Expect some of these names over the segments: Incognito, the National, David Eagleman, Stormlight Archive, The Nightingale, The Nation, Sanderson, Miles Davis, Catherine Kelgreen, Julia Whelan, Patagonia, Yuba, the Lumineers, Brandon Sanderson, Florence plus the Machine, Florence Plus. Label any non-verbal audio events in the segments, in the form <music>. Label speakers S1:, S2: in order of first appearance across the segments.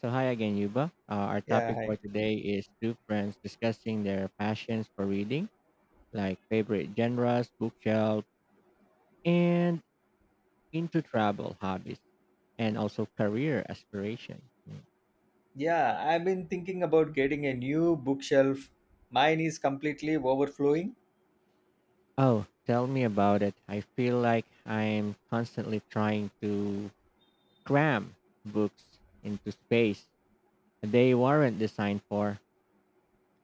S1: So, hi again, Yuba. Our
S2: Yeah,
S1: topic
S2: hi.
S1: for today is two friends discussing their passions for reading, like favorite genres, bookshelf, and into travel hobbies, and also career aspiration.
S2: Yeah, I've been thinking about getting a new bookshelf. Mine is completely overflowing.
S1: Oh, tell me about it. I feel like I'm constantly trying to cram books into space they weren't designed for.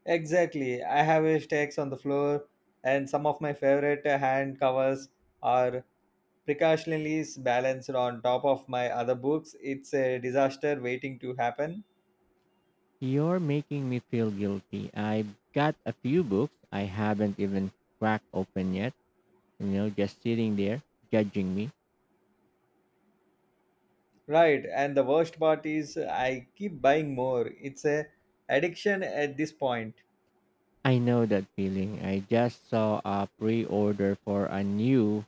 S2: Exactly. I have a stacks on the floor, and some of my favorite hand covers are precautionally balanced on top of my other books. It's a disaster waiting to happen.
S1: You're making me feel guilty. I've got a few books I haven't even cracked open yet, just sitting there judging me.
S2: Right, and the worst part is I keep buying more. It's a addiction at this point.
S1: I know that feeling. I just saw a pre order for a new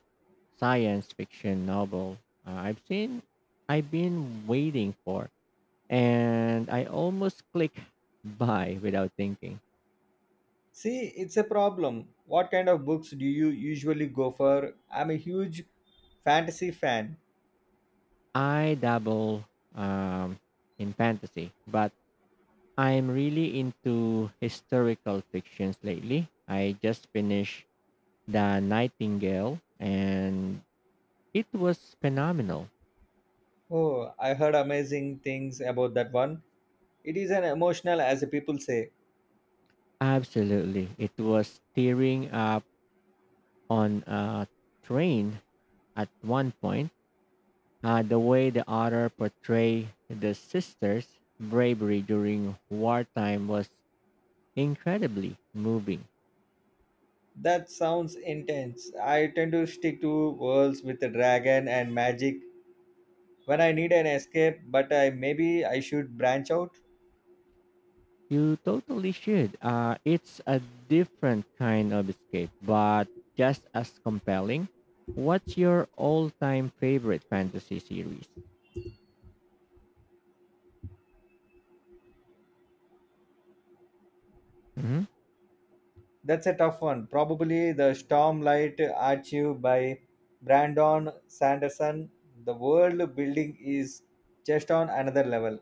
S1: science fiction novel, uh, I've seen, I've been waiting for, and I almost click <laughs> buy without thinking.
S2: See, it's a problem. What kind of books do you usually go for? I'm a huge Fantasy fan.
S1: I dabble, um, in fantasy, but I'm really into historical fictions lately. I just finished The Nightingale, and it was phenomenal.
S2: Oh, I heard amazing things about that one. It is an emotional, as people say.
S1: Absolutely. It was tearing up on a train at one point. The way the author portrayed the sisters' bravery during wartime was incredibly moving.
S2: That sounds intense. I tend to stick to worlds with a dragon and magic when I need an escape, but I maybe I should branch out.
S1: You totally should. It's a different kind of escape, but just as compelling. What's your all time favorite fantasy series? Mhm.
S2: That's a tough one. Probably the Stormlight Archive by Brandon Sanderson. The world building is just on another level.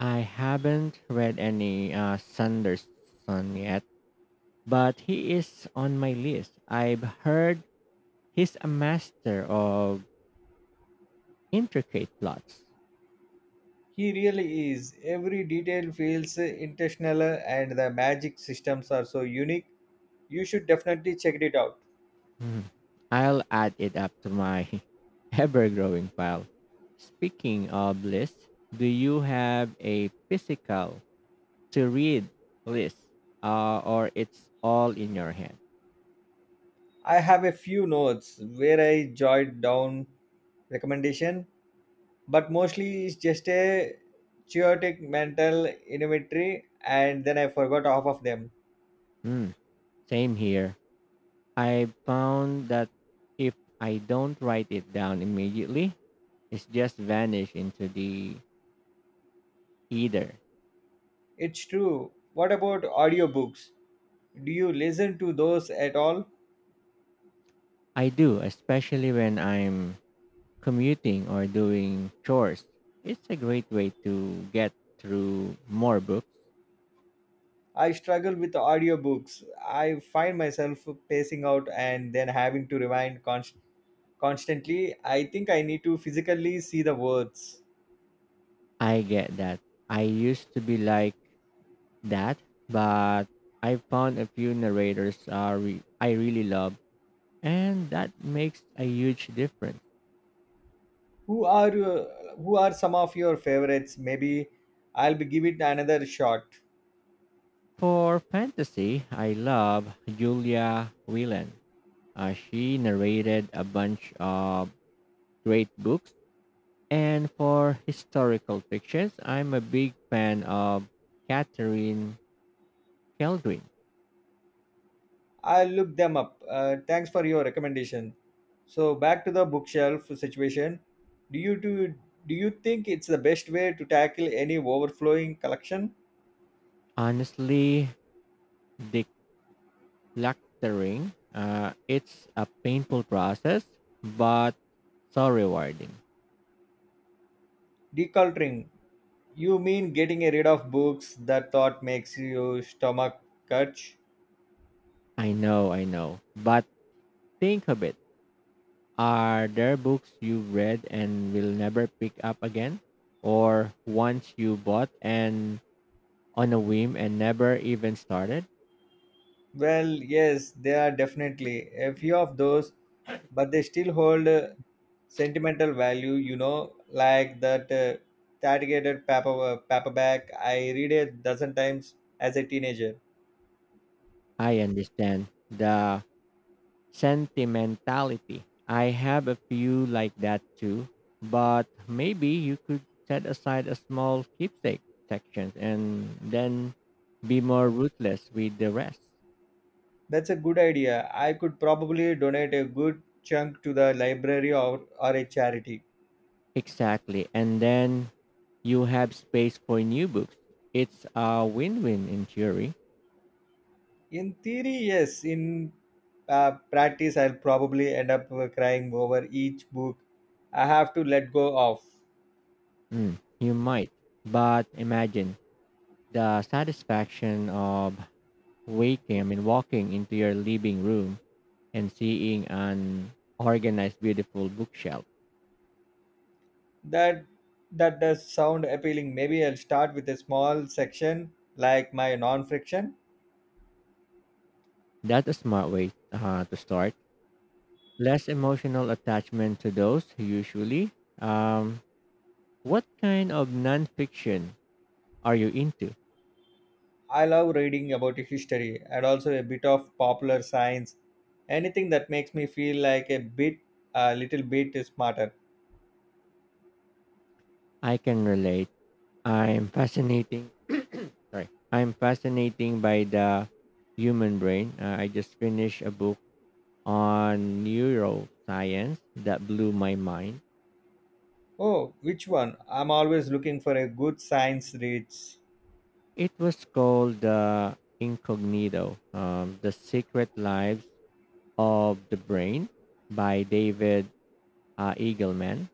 S1: I haven't read any Sanderson yet, but he is on my list. I've heard he's a master of intricate plots.
S2: He really is. Every detail feels intentional, and the magic systems are so unique. You should definitely check it out.
S1: Hmm. I'll add it up to my <laughs> ever growing pile. Speaking of lists, do you have a physical to read list, or it's all in your head?
S2: I have a few notes where I jot down recommendation, but mostly it's just a chaotic mental inventory, and then I forgot half of them.
S1: Hmm. Same here. I found that if I don't write it down immediately, it's just vanished into the ether.
S2: It's true. What about audiobooks? Do you listen to those at all?
S1: I do, especially when I'm commuting or doing chores. It's a great way to get through more books.
S2: I struggle with audiobooks. I find myself pacing out and then having to rewind constantly. I think I need to physically see the words.
S1: I get that. I used to be like that, but I found a few I really love, and that makes a huge difference.
S2: Who are uh, who are some of your favorites? Maybe I'll be give it another shot.
S1: For fantasy, I love Julia Whelan. She narrated a bunch of great books. And for historical fictions, I'm a big fan of Catherine Kelgreen.
S2: I'll look them up. Thanks for your recommendation. So back to the bookshelf situation. Do you do, do you think it's the best way to tackle any overflowing collection?
S1: Honestly, decluttering, it's a painful process, but so rewarding.
S2: Decluttering, you mean getting rid of books that thought makes you stomach catch?
S1: I know. But think of it. Are there books you've read and will never pick up again? Or ones you bought and on a whim and never even started?
S2: Well, yes, there are definitely a few of those, but they still hold sentimental value, you know, like that tattered paper, paperback I read a dozen times as a teenager.
S1: I understand the Sentimentality. I have a few like that too, but maybe you could set aside a small keepsake section and then be more ruthless with the rest.
S2: That's a good idea. I could probably donate a good chunk to the library or a charity.
S1: Exactly. And then you have space for new books. It's a win win in theory.
S2: In theory, yes. In practice, I'll probably end up crying over each book I have to let go of.
S1: Mm, you might. But imagine the satisfaction of walking into your living room and seeing an organized, beautiful bookshelf.
S2: That that does sound appealing. Maybe I'll start with a small section like my non-fiction.
S1: That's a smart way to start. Less emotional attachment to those usually. Um, what kind of nonfiction are you into?
S2: I love reading about history and also a bit of popular science. Anything that makes me feel like a little bit smarter.
S1: I can relate. I'm fascinating. <coughs> <clears throat> sorry, I'm fascinating by the human brain. I just finished a book on neuroscience that blew my mind.
S2: Oh, which one? I'm always looking for a good science read.
S1: It was called, Incognito, The Secret Lives of the Brain by David, Eagleman.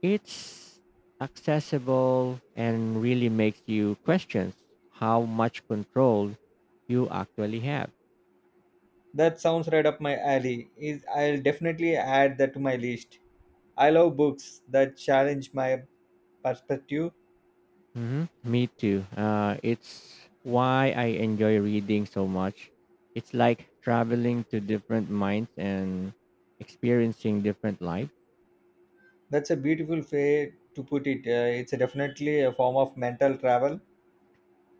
S1: It's accessible and really makes you question how much control you actually have.
S2: That sounds right up my alley. Is I'll definitely add that to my list. I love books that challenge my perspective.
S1: Hmm. Me too. It's why I enjoy reading so much. It's like traveling to different minds and experiencing different lives.
S2: That's a beautiful way to put it. It's a definitely a form of mental travel.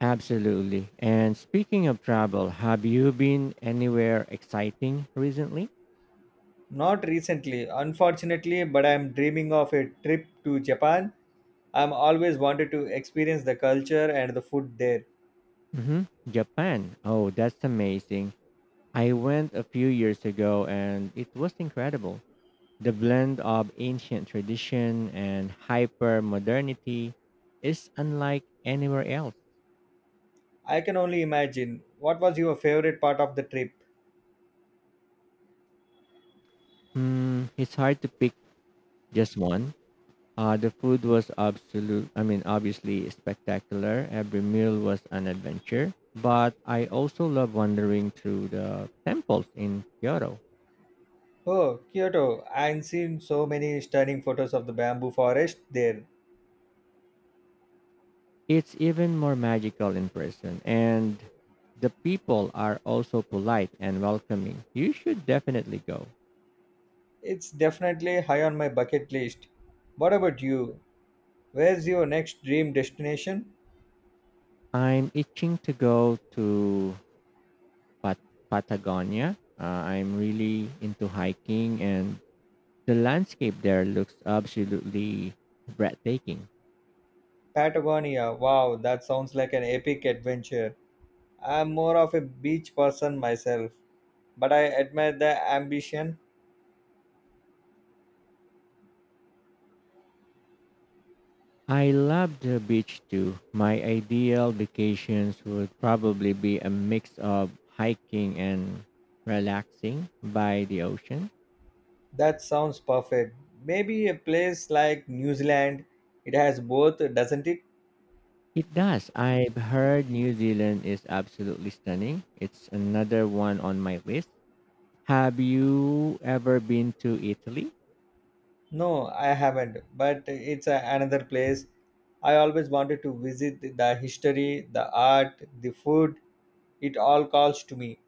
S1: Absolutely. And speaking of travel, have you been anywhere exciting recently?
S2: Not recently, unfortunately, but I'm dreaming of a trip to Japan. I'm always wanted to experience the culture and the food there.
S1: Hmm. Japan. Oh, that's amazing. I went a few years ago and it was incredible. The blend of ancient tradition and hyper modernity is unlike anywhere else.
S2: I can only imagine. What was your favorite part of the trip?
S1: Hmm, it's hard to pick just one. The food was absolute. I mean, obviously spectacular. Every meal was an adventure. But I also love wandering through the temples in Kyoto.
S2: Oh, Kyoto. I've seen so many stunning photos of the bamboo forest there.
S1: It's even more magical in person, and the people are also polite and welcoming. You should definitely go.
S2: It's definitely high on my bucket list. What about you? Where's your next dream destination?
S1: I'm itching to go to Pat- Patagonia. I'm really into hiking, and the landscape there looks absolutely breathtaking.
S2: Patagonia. Wow, that sounds like an epic adventure. I'm more of a beach person myself, but I admire the ambition.
S1: I love the beach too. My ideal vacations would probably be a mix of hiking and relaxing by the ocean.
S2: That sounds perfect. Maybe a place like New Zealand. It has both, doesn't it?
S1: It does. I've heard New Zealand is absolutely stunning. It's another one on my list. Have you ever been to Italy?
S2: No, I haven't, but another place. I always wanted to visit the history, the art, the food. It all calls to me.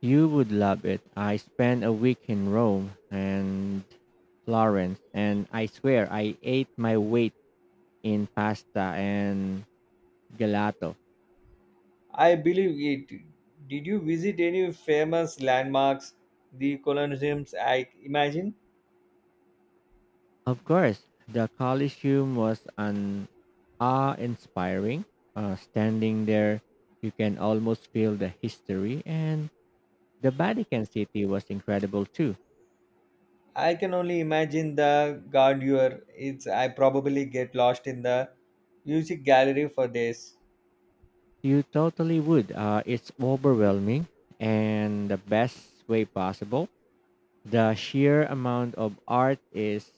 S1: You would love it. I spent a week in Rome and Florence, and I swear I ate my weight in pasta and gelato.
S2: I believe it. Did you visit any famous landmarks, the colosseums? I imagine.
S1: Of course, the Colosseum was an awe-inspiring. Standing there, you can almost feel the history, and the Vatican City was incredible too.
S2: I can only imagine the grandeur. It's. I probably get lost in the music gallery for days.
S1: You totally would. It's overwhelming, and the best way possible. The sheer amount of art is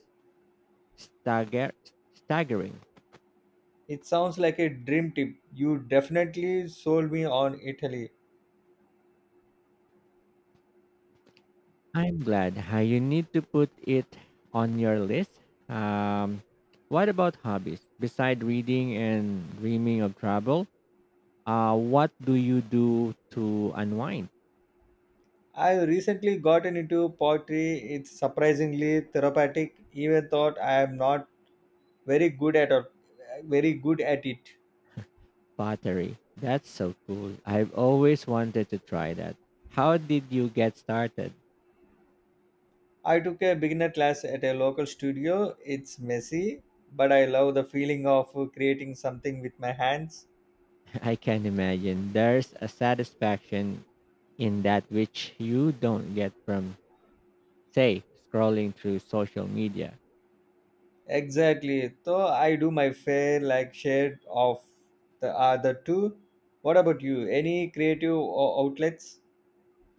S1: stagger- staggering.
S2: It sounds like a dream trip. You definitely sold me on Italy.
S1: I'm glad, you need to put it on your list. Um, what about hobbies? Beside reading and dreaming of travel, what do you do to unwind?
S2: I recently gotten into pottery. It's surprisingly therapeutic. Even though I am not very good at or very good at it.
S1: Pottery. That's so cool. I've always wanted to try that. How did you get started?
S2: I took a beginner class at a local studio. It's messy, but I love the feeling of creating something with my hands.
S1: <laughs> I can imagine. There's a satisfaction in that which you don't get from, say, scrolling through social media.
S2: Exactly. So I do my fair like share of the other two. What about you? Any creative outlets?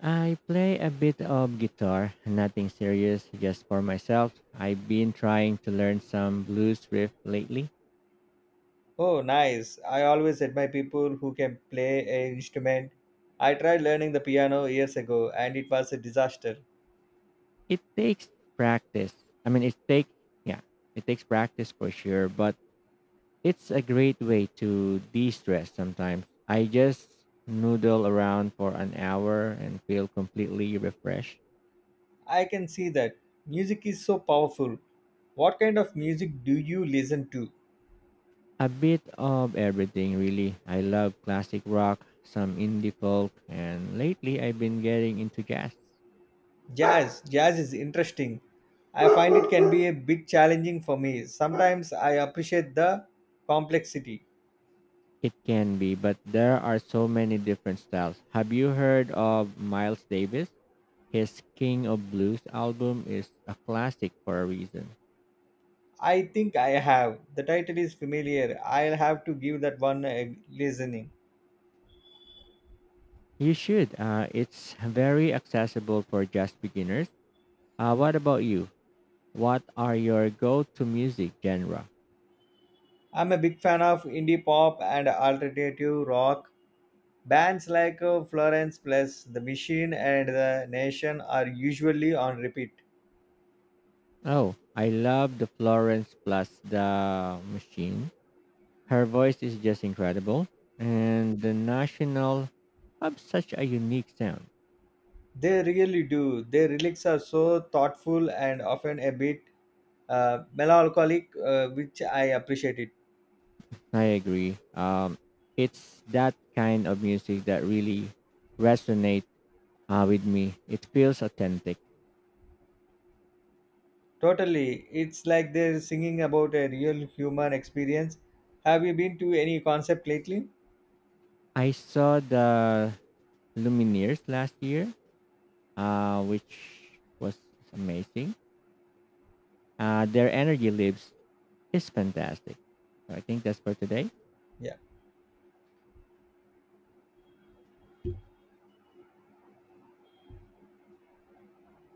S1: I play a bit of guitar, nothing serious, just for myself. I've been trying to learn some blues riff lately.
S2: Oh, nice. I always admire people who can play an instrument. I tried learning the piano years ago and it was a disaster.
S1: It takes practice. I mean, it take yeah, it takes practice for sure, but it's a great way to de-stress sometimes. I just noodle around for an hour and feel completely refreshed.
S2: I can see that. Music is so powerful. What kind of music do you listen to?
S1: A bit of everything really. I love classic rock, some indie folk, and lately I've been getting into jazz.
S2: Jazz is interesting. I find it can be a bit challenging for me. Sometimes I appreciate the complexity.
S1: It can be, but there are so many different styles. Have you heard of Miles Davis? His King of Blues album is a classic for a reason.
S2: I think I have. The title is familiar. I'll have to give that one a listening.
S1: You should. It's very accessible for just beginners. What about you? What are your go-to music genre?
S2: I'm a big fan of indie pop and alternative rock. Bands like Florence Plus, The Machine, and The Nation are usually on repeat.
S1: Oh, I love the Florence plus the Machine. Her voice is just incredible, and the National have such a unique sound.
S2: They really do. Their lyrics are so thoughtful and often a bit melancholic, which I appreciate it.
S1: I agree. It's that kind of music that really resonates, with me. It feels authentic.
S2: Totally. It's like they're singing about a real human experience. Have you been to any concert lately?
S1: I saw the Lumineers last year, which was amazing. Their energy lives is fantastic. So I think that's for today.
S2: Yeah.